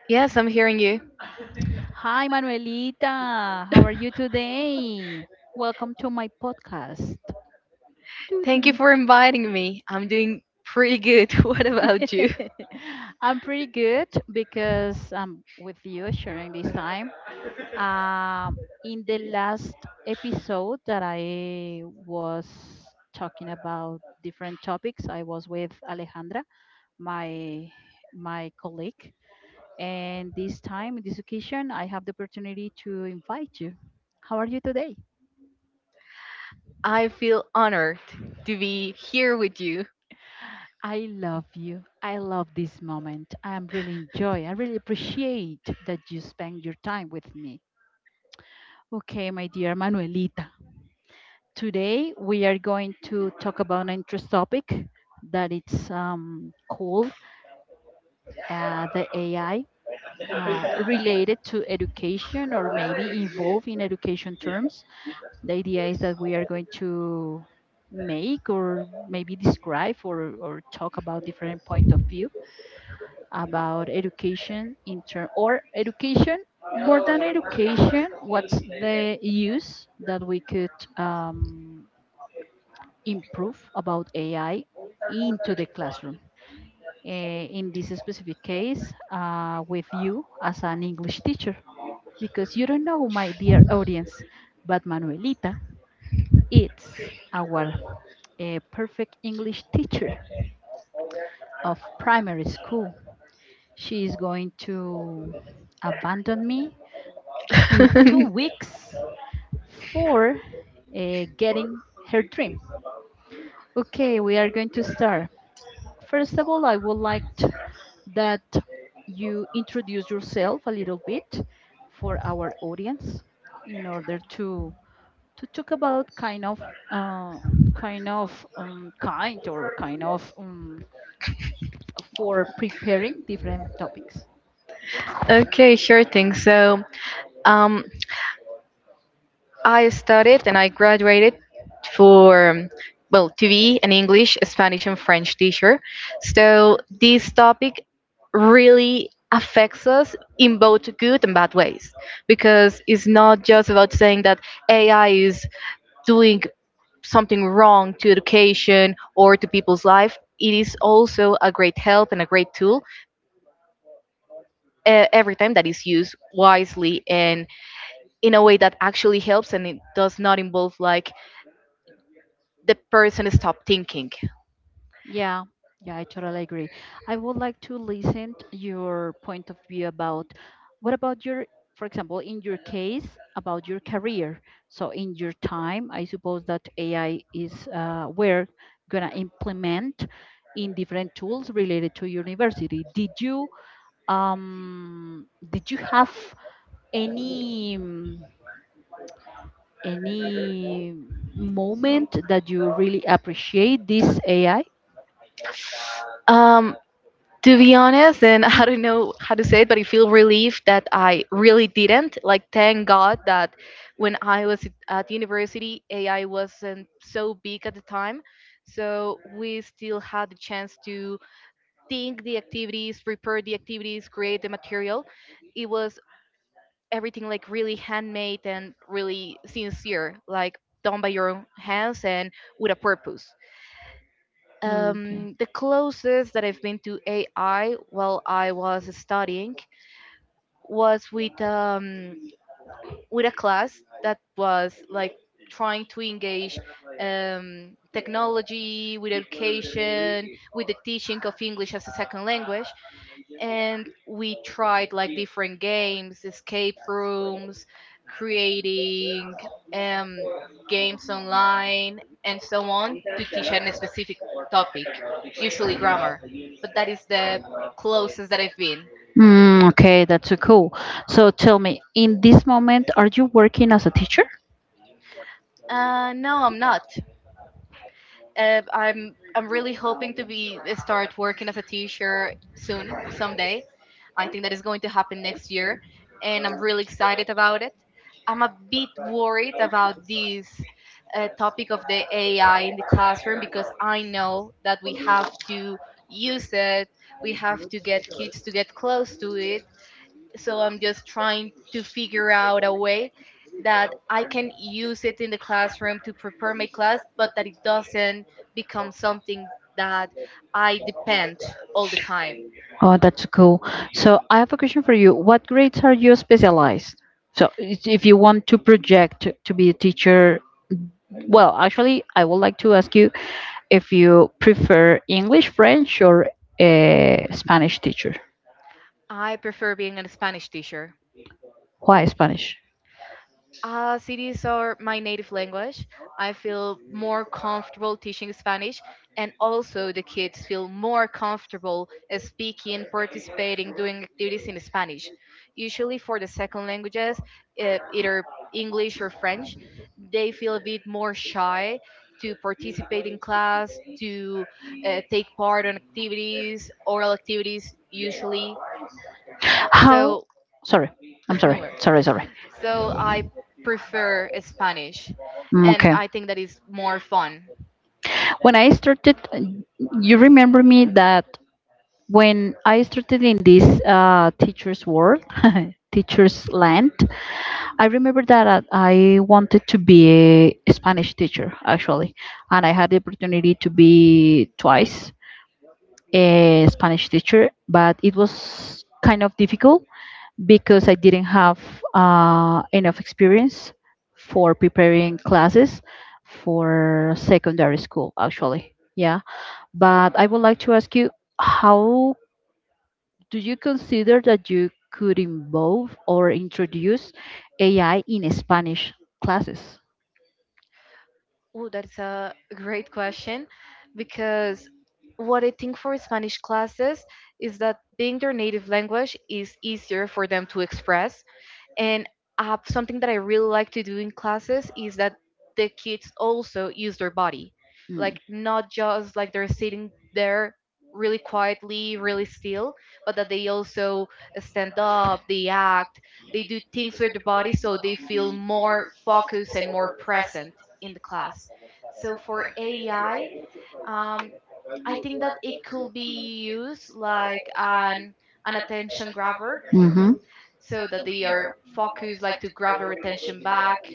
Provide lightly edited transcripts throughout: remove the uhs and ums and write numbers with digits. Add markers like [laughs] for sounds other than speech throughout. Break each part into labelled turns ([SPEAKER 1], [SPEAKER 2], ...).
[SPEAKER 1] Yes, I'm hearing you.
[SPEAKER 2] Hi, Manuelita. How are you
[SPEAKER 1] [laughs]
[SPEAKER 2] today? Welcome to my podcast. Doo, doo,
[SPEAKER 1] Thank you
[SPEAKER 2] doo,
[SPEAKER 1] for inviting me. I'm doing pretty good. [laughs] What
[SPEAKER 2] doo.
[SPEAKER 1] about you?
[SPEAKER 2] [laughs] I'm pretty good because I'm with you sharing this time. In the last episode that I was talking about different topics, I was with Alejandra, my my colleague. And this time, in this occasion, I have the opportunity to invite you. How are you today?
[SPEAKER 1] I feel honored to be here with you.
[SPEAKER 2] I love you. I love this moment. I'm really enjoy. I really appreciate that you spend your time with me. Okay, my dear Manuelita. Today we are going to talk about an interesting topic that it's called the AI related to education or maybe involved in education terms. The idea is that we are going to make or maybe describe or talk about different point of view about education in term or education, more than education, what's the use that we could um, improve about ai into the classroom. In this specific case, with you as an english teacher, because you don't know, my dear audience, but manuelita it's our a perfect English teacher of primary school. She is going to abandon me in two
[SPEAKER 1] [laughs]
[SPEAKER 2] weeks for getting her dream. Okay, we are going to start. First of all, I would like that you introduce yourself a little bit for our audience in order to talk about kind of uh, kind of kind or kind of for preparing different topics.
[SPEAKER 1] Okay, sure thing. So, um, I studied and I graduated for, well, TV and English, Spanish and French teacher. So this topic really affects us in both good and bad ways because it's not just about saying that AI is doing something wrong to education or to people's life. It is also a great help and a great tool every time that is used wisely and in a way that actually helps and it does not involve, like, the person stopped thinking.
[SPEAKER 2] Yeah, yeah, I totally agree. I would like to listen to your point of view about what about your, for example, in your case, about your career. So in your time, I suppose that AI is we're gonna implement in different tools related to university. Did you have any? Any moment that you really appreciate this AI?
[SPEAKER 1] Um, to be honest, and [laughs] I don't know how to say it, but I feel relieved that I really didn't. Like, thank God that when I was at university, AI wasn't so big at the time. So we still had the chance to think the activities, prepare the activities, create the material. It was everything like really handmade and really sincere, like done by your own hands and with a purpose.
[SPEAKER 2] Okay.
[SPEAKER 1] The closest that I've been to AI while I was studying was with a class that was like trying to engage technology with education, with the teaching of english as a second language, and we tried like different games, escape rooms, creating um, games online and so on, to teach on a specific topic, usually grammar, but that is the closest that I've been.
[SPEAKER 2] Mm, okay, that's so cool. So tell me, in this moment, are you working as a teacher?
[SPEAKER 1] No, I'm not. I'm really hoping to be start working as a teacher soon, someday. I think that is going to happen next year, and I'm really excited about it. I'm a bit worried about this topic of the AI in the classroom because I know that we have to use it, we have to get kids to get close to it, so I'm just trying to figure out a way that I can use it in the classroom to prepare my class, but that it doesn't become something that I depend all the time.
[SPEAKER 2] Oh, that's cool. So I have a question for you. What grades are you specialized? So if you want to project to be a teacher, well, actually, I would like to ask you if you prefer English, French, or a Spanish teacher.
[SPEAKER 1] I prefer being a spanish teacher.
[SPEAKER 2] Why Spanish?
[SPEAKER 1] Cities are my native language. I feel more comfortable teaching Spanish, and also the kids feel more comfortable speaking, participating, doing activities in Spanish. Usually, for the second languages, either English or French, they feel a bit more shy to participate in class, to take part on activities, oral activities, usually.
[SPEAKER 2] How?
[SPEAKER 1] So,
[SPEAKER 2] Sorry, I'm
[SPEAKER 1] [laughs] don't
[SPEAKER 2] sorry.
[SPEAKER 1] worry,
[SPEAKER 2] Sorry, sorry.
[SPEAKER 1] so I prefer Spanish,
[SPEAKER 2] Mm,
[SPEAKER 1] and
[SPEAKER 2] okay.
[SPEAKER 1] I think that is more fun.
[SPEAKER 2] When I started, you remember me that when I started in this teacher's world, teacher's land, I remember that I wanted to be a Spanish teacher actually, and I had the opportunity to be twice a Spanish teacher, but it was kind of difficult because I didn't have enough experience for preparing classes for secondary school actually. Yeah. But I would like to ask you, how do you consider that you could involve or introduce AI in Spanish classes?
[SPEAKER 1] Oh, that's a great question, because what I think for Spanish classes is that being their native language is easier for them to express. And something that I really like to do in classes is that the kids also use their body,
[SPEAKER 2] Mm.
[SPEAKER 1] like not just like they're sitting there really quietly, really still, but that they also stand up, they act, they do things with their body, so they feel more focused and more present in the class. So for AI, um, I think that it could be used like an attention grabber,
[SPEAKER 2] Mhm.
[SPEAKER 1] so that they are focused, like to grab their attention back.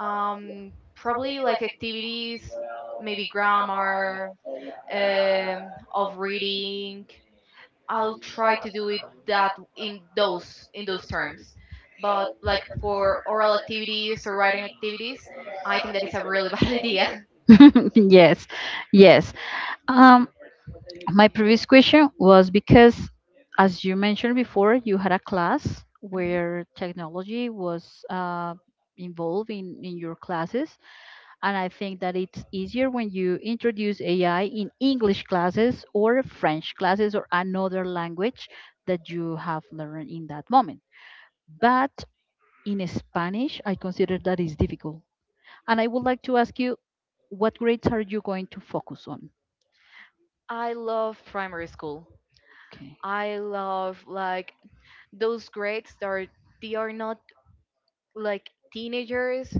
[SPEAKER 1] Probably like activities, maybe grammar, of reading. I'll try to do it that in those terms. But like for oral activities or writing activities, I think that is a really [laughs] bad idea.
[SPEAKER 2] [laughs] Yes, yes. Um, my previous question was because, as you mentioned before, you had a class
[SPEAKER 1] Mhm.
[SPEAKER 2] where technology was uh, involved in your classes. And I think that it's easier when you introduce AI in English classes or French classes or another language that you have learned in that moment. But in Spanish, I consider that is difficult. And I would like to ask you, what grades are you going to focus on?
[SPEAKER 1] I love primary school.
[SPEAKER 2] Okay.
[SPEAKER 1] I love like those grades that are they are not like teenagers,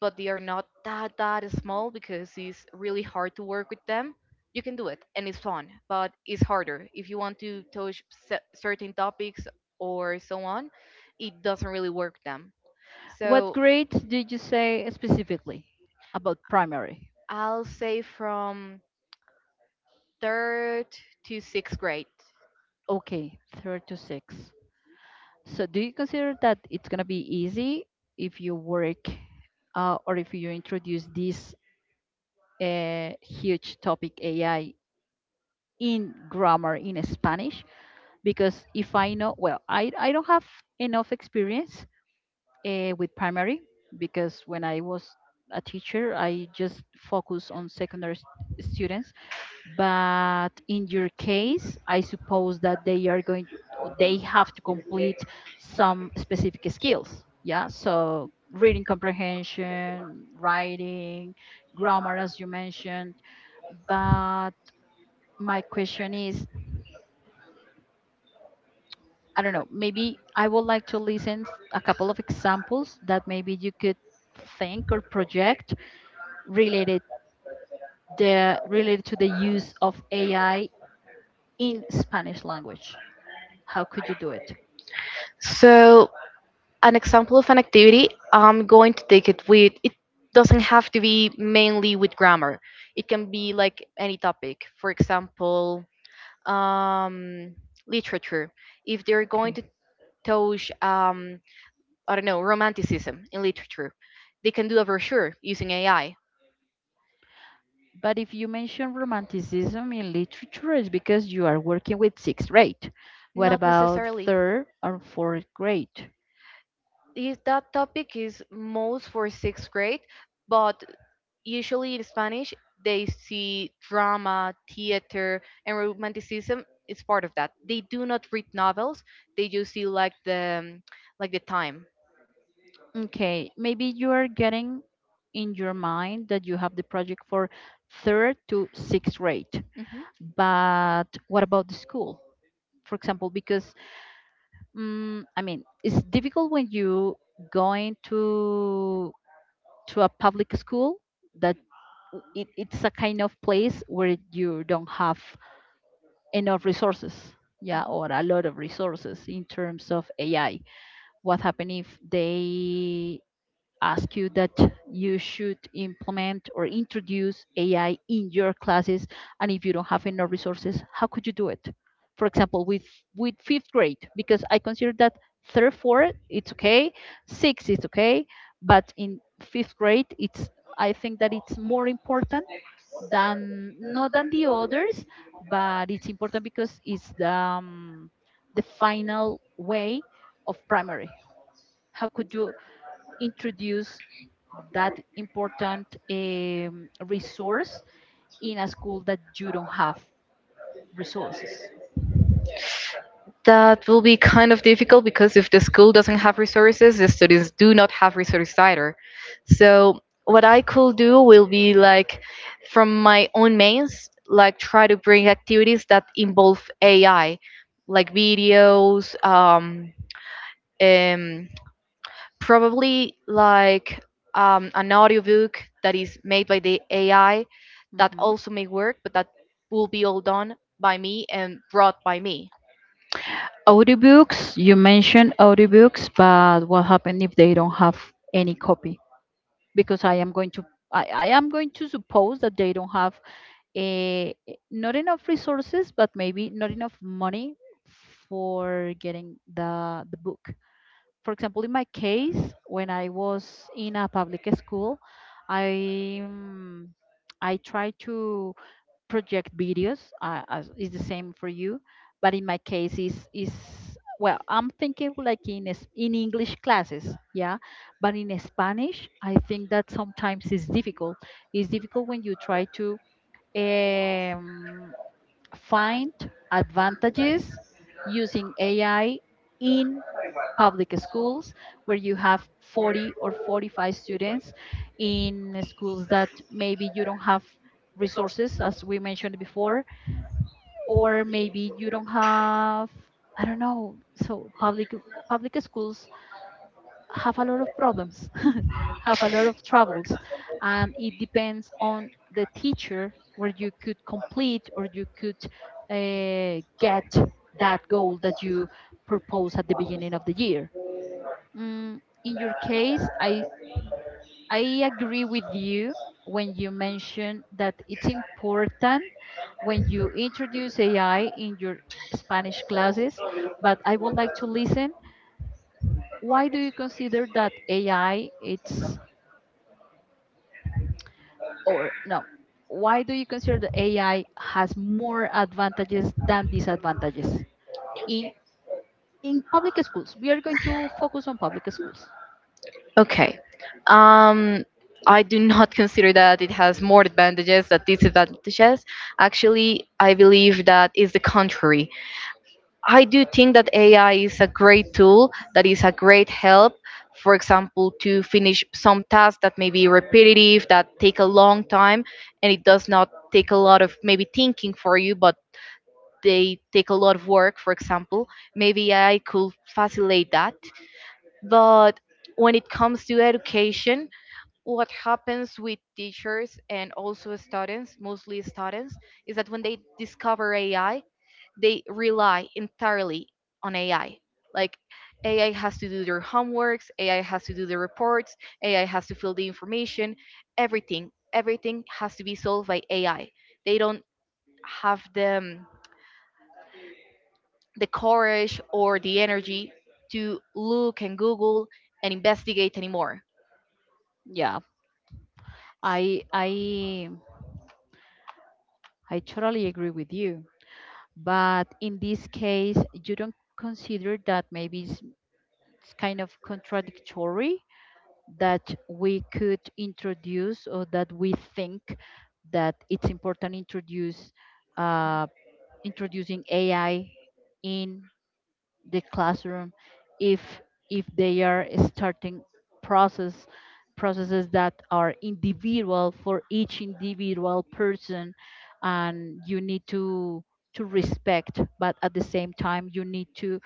[SPEAKER 1] but they are not that small because it's really hard to work with them. You can do it, and it's fun, but it's harder if you want to touch certain topics or so on. It doesn't really work them.
[SPEAKER 2] What
[SPEAKER 1] So
[SPEAKER 2] grades did you say specifically about primary?
[SPEAKER 1] I'll say from third to sixth grade.
[SPEAKER 2] Okay, third to six. So, do you consider that it's going to be easy if you work or if you introduce this huge topic AI in grammar in Spanish? Because if I know, well, I don't have enough experience with primary because when I was a teacher, I just focus on secondary students, but in your case I suppose that they are going or they have to complete some specific skills, yeah, so reading comprehension, writing, grammar, as you mentioned, but my question is, I don't know, maybe I would like to listen a couple of examples that maybe you could think or project related related to the use of ai in spanish language. How could you do it?
[SPEAKER 1] So an example of an activity I'm going to take it with. It doesn't have to be mainly with grammar. It can be like any topic. For example, um, literature, if they're going
[SPEAKER 2] Okay.
[SPEAKER 1] to touch, I don't know, romanticism in literature, they can do a brochure using AI.
[SPEAKER 2] But if you mention romanticism in literature, it's because you are working with sixth grade. What
[SPEAKER 1] Not
[SPEAKER 2] about
[SPEAKER 1] necessarily.
[SPEAKER 2] third or fourth grade?
[SPEAKER 1] Is that topic is most for sixth grade, but usually in Spanish they see drama, theater, and romanticism is part of that. They do not read novels; they just see like the time.
[SPEAKER 2] Okay, maybe you are getting in your mind that you have the project for third to sixth grade.
[SPEAKER 1] Hmm.
[SPEAKER 2] But what about the school? For example, because I mean, it's difficult when you going to a public school that it's a kind of place where you don't have enough resources, yeah, or a lot of resources in terms of ai. What happens if they ask you that you should implement or introduce AI in your classes? And if you don't have enough resources, how could you do it? For example, with fifth grade, because I consider that third, fourth, it's okay, six is okay, but in fifth grade, it's I think that it's more important than not than the others, but it's important because it's the final way of primary. How could you introduce that important resource in a school that you don't have resources.
[SPEAKER 1] That will be kind of difficult because if the school doesn't have resources, the students do not have resources either. So what I could do will be like from my own mains, like try to bring activities that involve AI, like videos, um, probably like an audiobook that is made by the AI, that
[SPEAKER 2] Mhm.
[SPEAKER 1] also may work, but that will be all done by me and brought by me.
[SPEAKER 2] Audiobooks, you mentioned audiobooks, but what happens if they don't have any copy? Because I am going to I am going to suppose that they don't have a, not enough resources, but maybe not enough money for getting the book. For example, in my case, when I was in a public school, I um, I try to project videos. As it's the same for you, but in my case, is well, I'm thinking like in in English classes, yeah. But in Spanish, I think that sometimes it's difficult. It's difficult when you try to um, find advantages using AI in public schools where you have 40 or 45 students, in schools that maybe you don't have resources as we mentioned before, or maybe you don't have, I don't know, so public schools have a lot of problems [laughs] have a lot of troubles, and it depends on the teacher where you could complete or you could get that goal that you propose at the beginning of the year. Mm, in your case, I agree with you when you mention that it's important when you introduce AI in your Spanish classes, but I would like to listen. Why do you consider that AI it's or no? Why do you consider that AI has more advantages than disadvantages in in public schools? We are going to focus on public schools.
[SPEAKER 1] Okay. Um, I do not [laughs] consider that it has more advantages than disadvantages. Actually, I believe that is the contrary. I do think that AI is a great tool, that is a great help, for example, to finish some tasks that may be repetitive, that take a long time, and it does not take a lot of, maybe, thinking for you, but they take a lot of work, for example. Maybe AI could facilitate that. But when it comes to education, what happens with teachers and also students, mostly students, is that when they discover AI, they rely entirely on AI. Like, AI has to do their homeworks, AI has to do the reports, AI has to fill the information, everything, everything has to be solved by AI. They don't have the courage or the energy to look and Google and investigate anymore.
[SPEAKER 2] Yeah, I I I totally agree with you. But in this case, you don't consider that maybe it's kind of contradictory that we could introduce or that we think that it's important introduce uh, introducing AI in the classroom, if if they are starting process processes that are individual for each individual person, and you need to respect, but at the same time you need to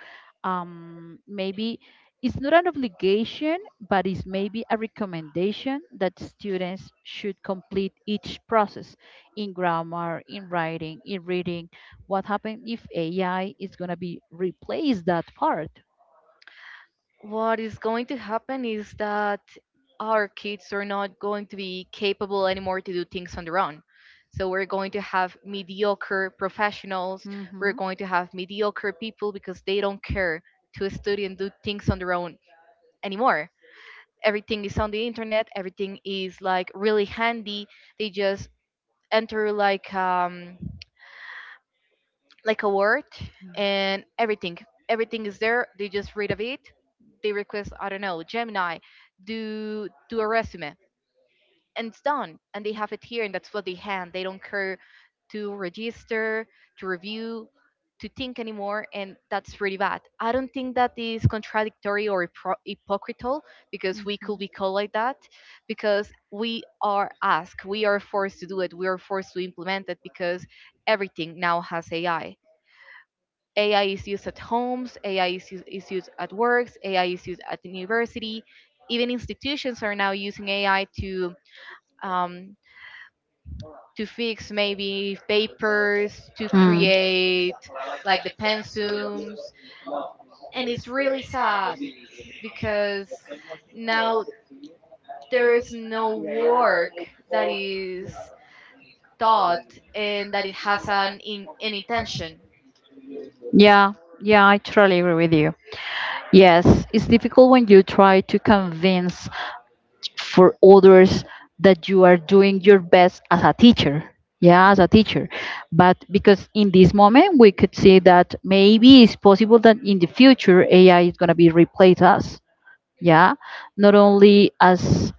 [SPEAKER 2] maybe it's not an obligation, but it's maybe a recommendation that students should complete each process in grammar, in writing, in reading. What happens if AI is going to be replace that part?
[SPEAKER 1] What is going to happen is that our kids are not going to be capable anymore to do things on their own. So we're going to have mediocre professionals,
[SPEAKER 2] Hmm,
[SPEAKER 1] we're
[SPEAKER 2] hmm.
[SPEAKER 1] going to have mediocre people because they don't care to study and do things on their own anymore. Everything is on the internet, everything is like really handy. They just enter like a word, and everything, everything is there. They just read of it. They request, I don't know, Gemini, do a resume, and it's done, and they have it here, and that's what they hand. They don't care to register, to review, to think anymore, and that's really bad. I don't think that is contradictory or hypocritical because we could be called like that, because we are asked, we are forced to do it, we are forced to implement it, because everything now has AI. AI is used at homes, AI is used at works, AI is used at university. Even institutions are now using AI to um, fix maybe papers, to
[SPEAKER 2] Mm.
[SPEAKER 1] create like the pensums, and it's really sad because now there is no work that is thought and that it has an intention.
[SPEAKER 2] Yeah, yeah, I totally agree with you. Yes, it's difficult when you try to convince for others that you are doing your best as a teacher. Yeah, as a teacher. But because in this moment we could see that maybe it's possible that in the future AI is going to be replace us. Yeah, not only as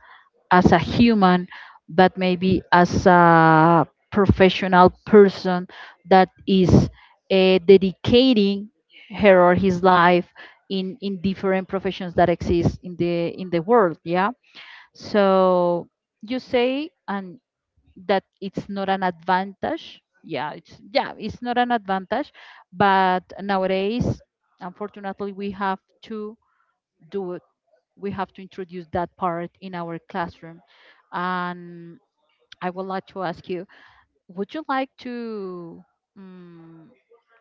[SPEAKER 2] a human, but maybe as a professional person that is dedicating her or his life in different professions that exist in the world. Yeah. So you say and that it's not an advantage. Yeah, it's not an advantage, but nowadays, unfortunately, we have to do it, we have to introduce that part in our classroom. And I would like to ask you, would you like um,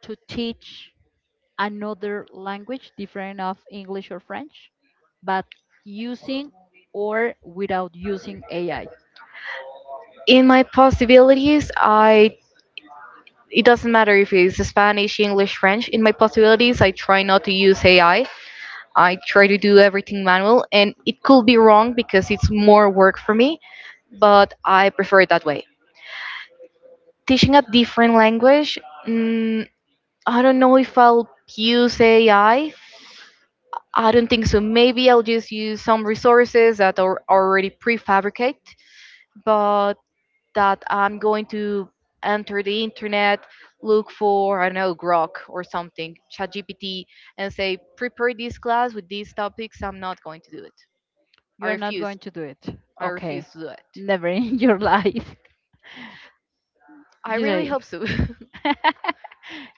[SPEAKER 2] to teach another language different of English or French, but using or without using AI?
[SPEAKER 1] In my possibilities, I it doesn't matter if it's spanish, english, french. In my possibilities, I try not to use AI. I try to do everything manual, and it could be wrong because it's more work for me, but I prefer it that way. Teaching a different language, mm, I don't know if I'll use AI. I don't think so. Maybe I'll just use some resources that are already prefabricate, but that I'm going to enter the internet, look for, I don't know, Grok or something, ChatGPT, and say, prepare this class with these topics. I'm not going to do it. I
[SPEAKER 2] You're not
[SPEAKER 1] refuse.
[SPEAKER 2] going to do it.
[SPEAKER 1] I
[SPEAKER 2] Okay.
[SPEAKER 1] refuse to do it.
[SPEAKER 2] Never in [laughs] your life.
[SPEAKER 1] I
[SPEAKER 2] You
[SPEAKER 1] really
[SPEAKER 2] say.
[SPEAKER 1] hope so. [laughs]
[SPEAKER 2] [laughs]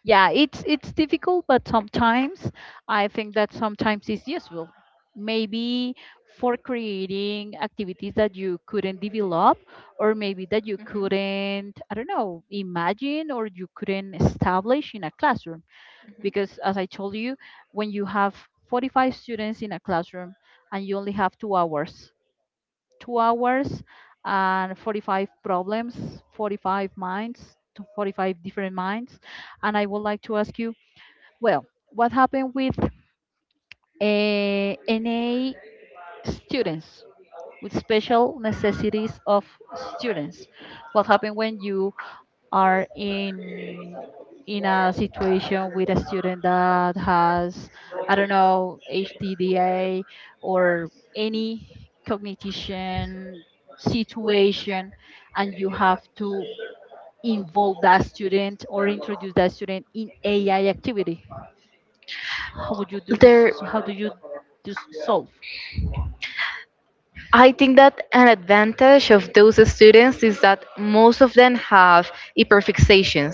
[SPEAKER 2] Yeah, it's difficult, but sometimes I think that sometimes it's useful maybe for creating activities that you couldn't develop, or maybe that you couldn't, I don't know, imagine, or you couldn't establish in a classroom,
[SPEAKER 1] Hmm.
[SPEAKER 2] because as I told you, when you have 45 students in a classroom and you only have 2 hours, 2 hours and 45 problems, 45 minds, to 45 different minds. And I would like to ask you, well, what happened with NA students, with special necessities of students? What happened when you are in a situation with a student that has, I don't know, HTDA or any cognition situation, and you have to involve that student or introduce that student in AI activity? How would you do this,
[SPEAKER 1] There,
[SPEAKER 2] so how do you solve?
[SPEAKER 1] I think that an advantage of those students is that most of them have hyperfixations,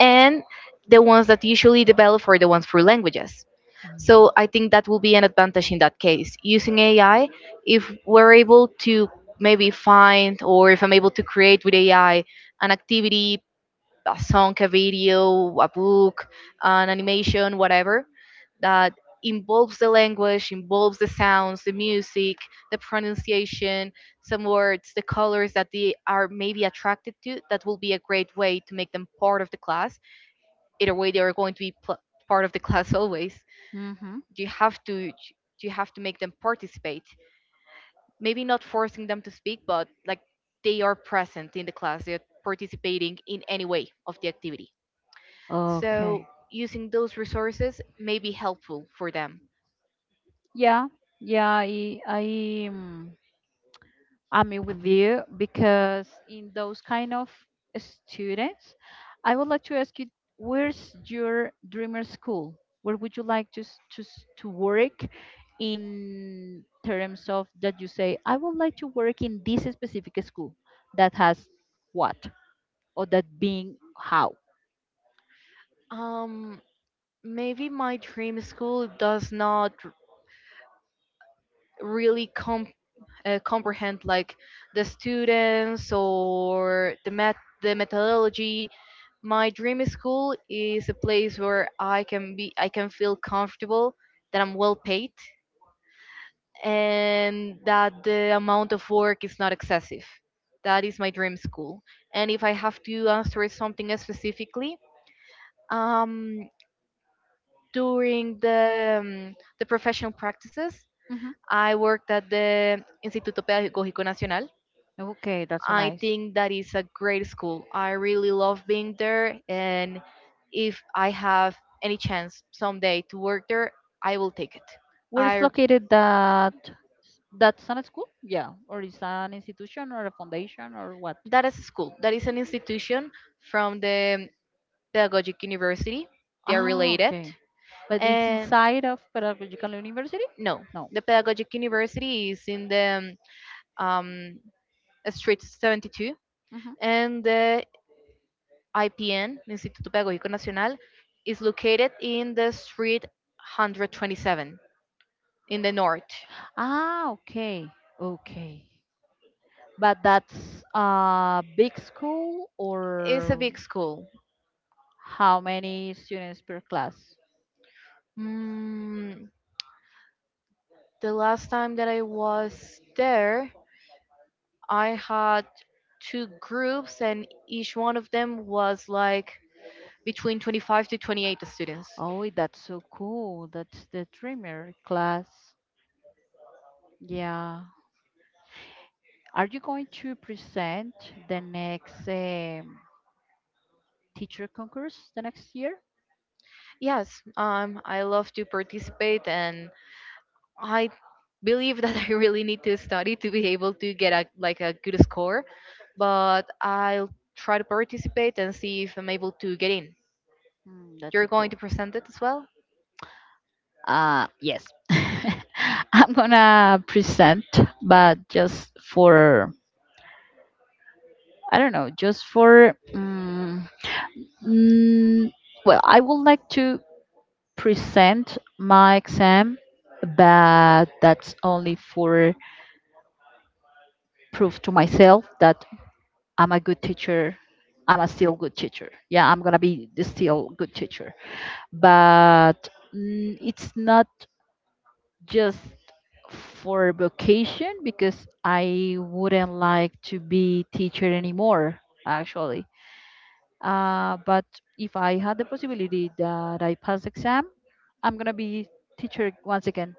[SPEAKER 1] and the ones that usually develop are the ones for languages.
[SPEAKER 2] Mm.
[SPEAKER 1] So I think that will be an advantage in that case. Using AI, if we're able to maybe find, or if I'm able to create with AI an activity, a song, a video, a book, an animation, whatever, that involves the language, involves the sounds, the music, the pronunciation, some words, the colors that they are maybe attracted to, that will be a great way to make them part of the class. Either way, they are going to be part of the class [laughs] always.
[SPEAKER 2] Mm-hmm.
[SPEAKER 1] You have to you have to make them participate. Maybe not forcing them to speak, but like they are present in the class. They're participating in any way of the activity.
[SPEAKER 2] Okay.
[SPEAKER 1] So using those resources may be helpful for them.
[SPEAKER 2] Yeah. Yeah. I'm with you because in those kind of students, I would like to ask you, where's your dreamer school? Where would you like to work in terms of that you say, I would like to work in this specific school that has what or that being how?
[SPEAKER 1] Um, Maybe my dream school does not really comprehend like the students or the methodology. My dream school is a place where I can feel comfortable, that I'm well paid, and that the amount of work is not excessive. That is my dream school. And if I have to answer something specifically, Um, during the professional practices,
[SPEAKER 2] Hmm.
[SPEAKER 1] I worked at the Instituto Pedagógico Nacional.
[SPEAKER 2] Okay, that's so
[SPEAKER 1] I
[SPEAKER 2] nice.
[SPEAKER 1] think that is a great school. I really love being there, and if I have any chance someday to work there, I will take it.
[SPEAKER 2] Where is
[SPEAKER 1] I
[SPEAKER 2] located that that's an school? Yeah, or is an institution or a foundation or what?
[SPEAKER 1] That is a school. That is an institution from the Pedagogic University. They are
[SPEAKER 2] Ah,
[SPEAKER 1] related.
[SPEAKER 2] okay. But it's
[SPEAKER 1] And
[SPEAKER 2] inside of Pedagogical University?
[SPEAKER 1] no,
[SPEAKER 2] No.
[SPEAKER 1] the Pedagogic University is in the um, Street 72,
[SPEAKER 2] Hmm.
[SPEAKER 1] and the IPN, Instituto Pedagógico Nacional, is located in the Street 127 in the north.
[SPEAKER 2] Ah, okay. Okay. But that's a big school
[SPEAKER 1] It's a
[SPEAKER 2] or
[SPEAKER 1] big school.
[SPEAKER 2] how many students per class?
[SPEAKER 1] Mm, the last time that I was there, I had two groups, and each one of them was like between 25 to 28 students.
[SPEAKER 2] Oh, that's so cool. That's the dreamer class. Yeah. Are you going to present the next teacher concourse the next year?
[SPEAKER 1] Yes, I love to participate, and I believe that [laughs] I really need to study to be able to get like a good score. But I'll try to participate and see if I'm able to get in.
[SPEAKER 2] Mm, that's
[SPEAKER 1] You're
[SPEAKER 2] so
[SPEAKER 1] going to
[SPEAKER 2] cool.
[SPEAKER 1] present it as well?
[SPEAKER 2] Yes. [laughs] I'm gonna present, but just for, I don't know, just for, mm, well, I would like to present my exam, but that's only for proof to myself that I'm a good teacher. I'm a still good teacher. Yeah, I'm gonna be the still good teacher. But it's not just for vocation because I wouldn't like to be teacher anymore. Actually, but if I had the possibility that I pass exam, I'm gonna be teacher once again.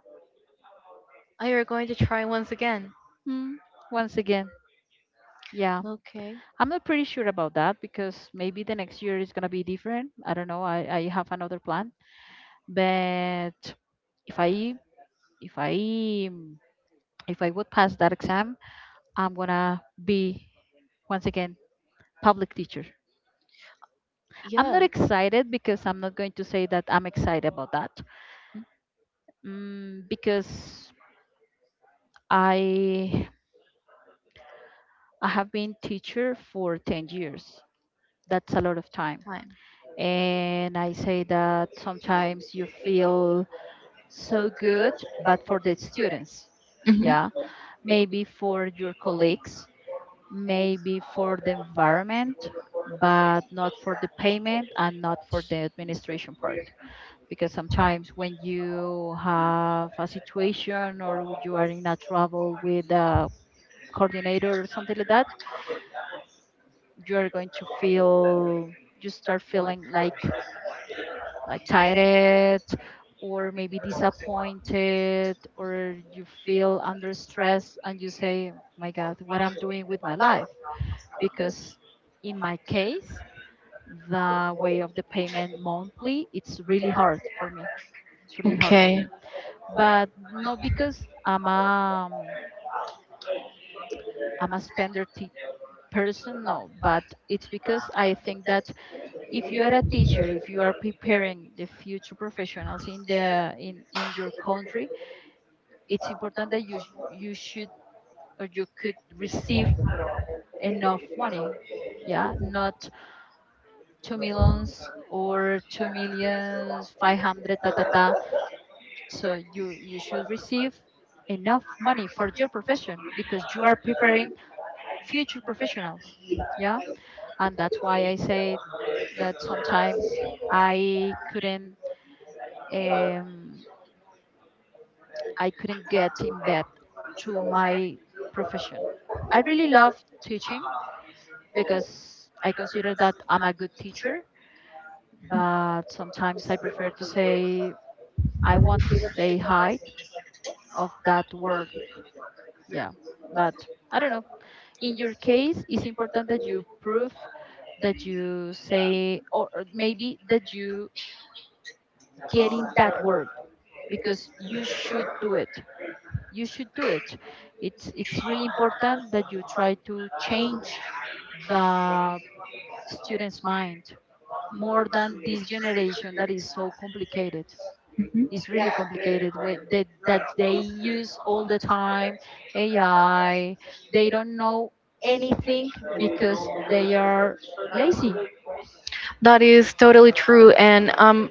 [SPEAKER 1] Oh, you're going to try once again.
[SPEAKER 2] Mm, once again. Yeah,
[SPEAKER 1] Okay.
[SPEAKER 2] I'm not pretty sure about that because maybe the next year is gonna be different. I don't know. I have another plan. But if i if i if I would pass that exam, I'm gonna be once again public teacher. I'm not
[SPEAKER 1] Yes.
[SPEAKER 2] excited because I'm not going to say that I'm excited about that, because i I have been teacher for 10 years. That's a lot of time,
[SPEAKER 1] Time.
[SPEAKER 2] and I say that sometimes you feel so good but for the students,
[SPEAKER 1] Mhm.
[SPEAKER 2] yeah, maybe for your colleagues, maybe for the environment, but not for the payment and not for the administration part. Because sometimes when you have a situation or you are in a trouble with a coordinator or something like that, you are going to feel, you start feeling like tired or maybe disappointed or you feel under stress and you say, My God, what I'm doing with my life, because in my case the way of the payment monthly, it's really hard for me. It's really hard for
[SPEAKER 1] Okay.
[SPEAKER 2] me. But not because I'm a person, no, but it's because I think that if you are a teacher, if you are preparing the future professionals in in your country, it's important that you you should or you could receive enough money. Yeah, not two millions or two millions 500 ta ta ta. So you should receive enough money for your profession because you are preparing future professionals. Yeah, and that's why I say that sometimes I couldn't um, I couldn't get in bed to my profession. I really love teaching because I consider that I'm a good teacher, but sometimes I prefer to say I want to stay high of that word. Yeah, but I don't know. In your case, it's important that you prove that you say, or maybe that you get in that word because you should do it. You should do it. It's really important that you try to change the student's mind more than this generation that is so complicated.
[SPEAKER 1] Mm-hmm.
[SPEAKER 2] It's really complicated with that they use all the time AI. They don't know anything because they are lazy.
[SPEAKER 1] That is totally true, and I'm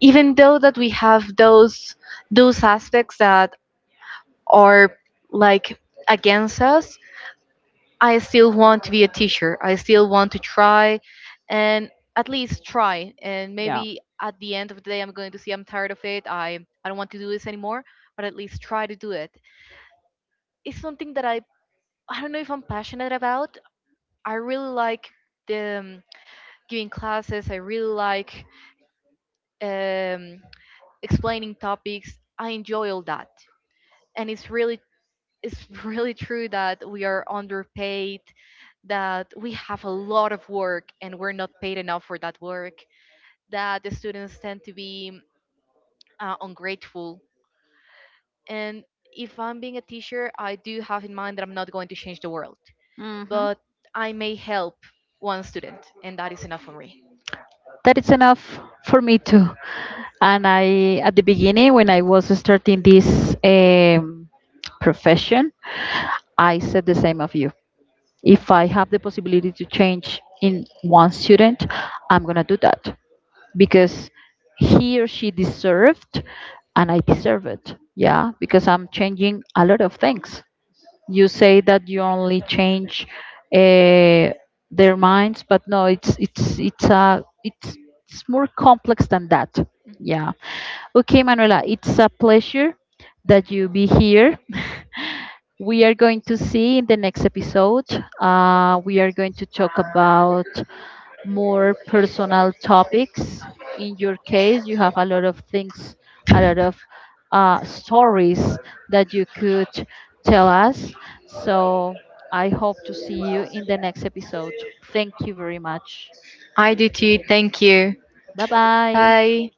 [SPEAKER 1] even though that we have those aspects that are like against us, I still want to be a teacher, I still want to try, and at least try, and
[SPEAKER 2] Yeah.
[SPEAKER 1] maybe at the end of the day I'm going to see, I'm tired of it, I don't want to do this anymore, but at least try to do it. It's something that I don't know if I'm passionate about. I really like the giving classes. I really like um, explaining topics. I enjoy all that, and it's really, it's [laughs] really true that we are underpaid, that we have a lot of work and we're not paid enough for that work, that the students tend to be ungrateful. And if I'm being a teacher, I do have in mind that I'm not going to change the world,
[SPEAKER 2] Hmm.
[SPEAKER 1] but I may help one student, and that is enough for me.
[SPEAKER 2] That is enough for me too. And I, at the beginning, when I was starting this um, profession, I said the same of you. If I have the possibility to change in one student, I'm gonna do that, because he or she deserved and I deserve it. Yeah, because I'm changing a lot of things. You say that you only change uh, their minds, but no, it's it's more complex than that. Yeah. Okay, Manuela, it's a pleasure that you be here. We are going to see in the next episode. We are going to talk about more personal topics. In your case, you have a lot of things, a lot of stories that you could tell us. So I hope to see you in the next episode. Thank you very much.
[SPEAKER 1] I do too. Thank you.
[SPEAKER 2] Bye bye.
[SPEAKER 1] Bye.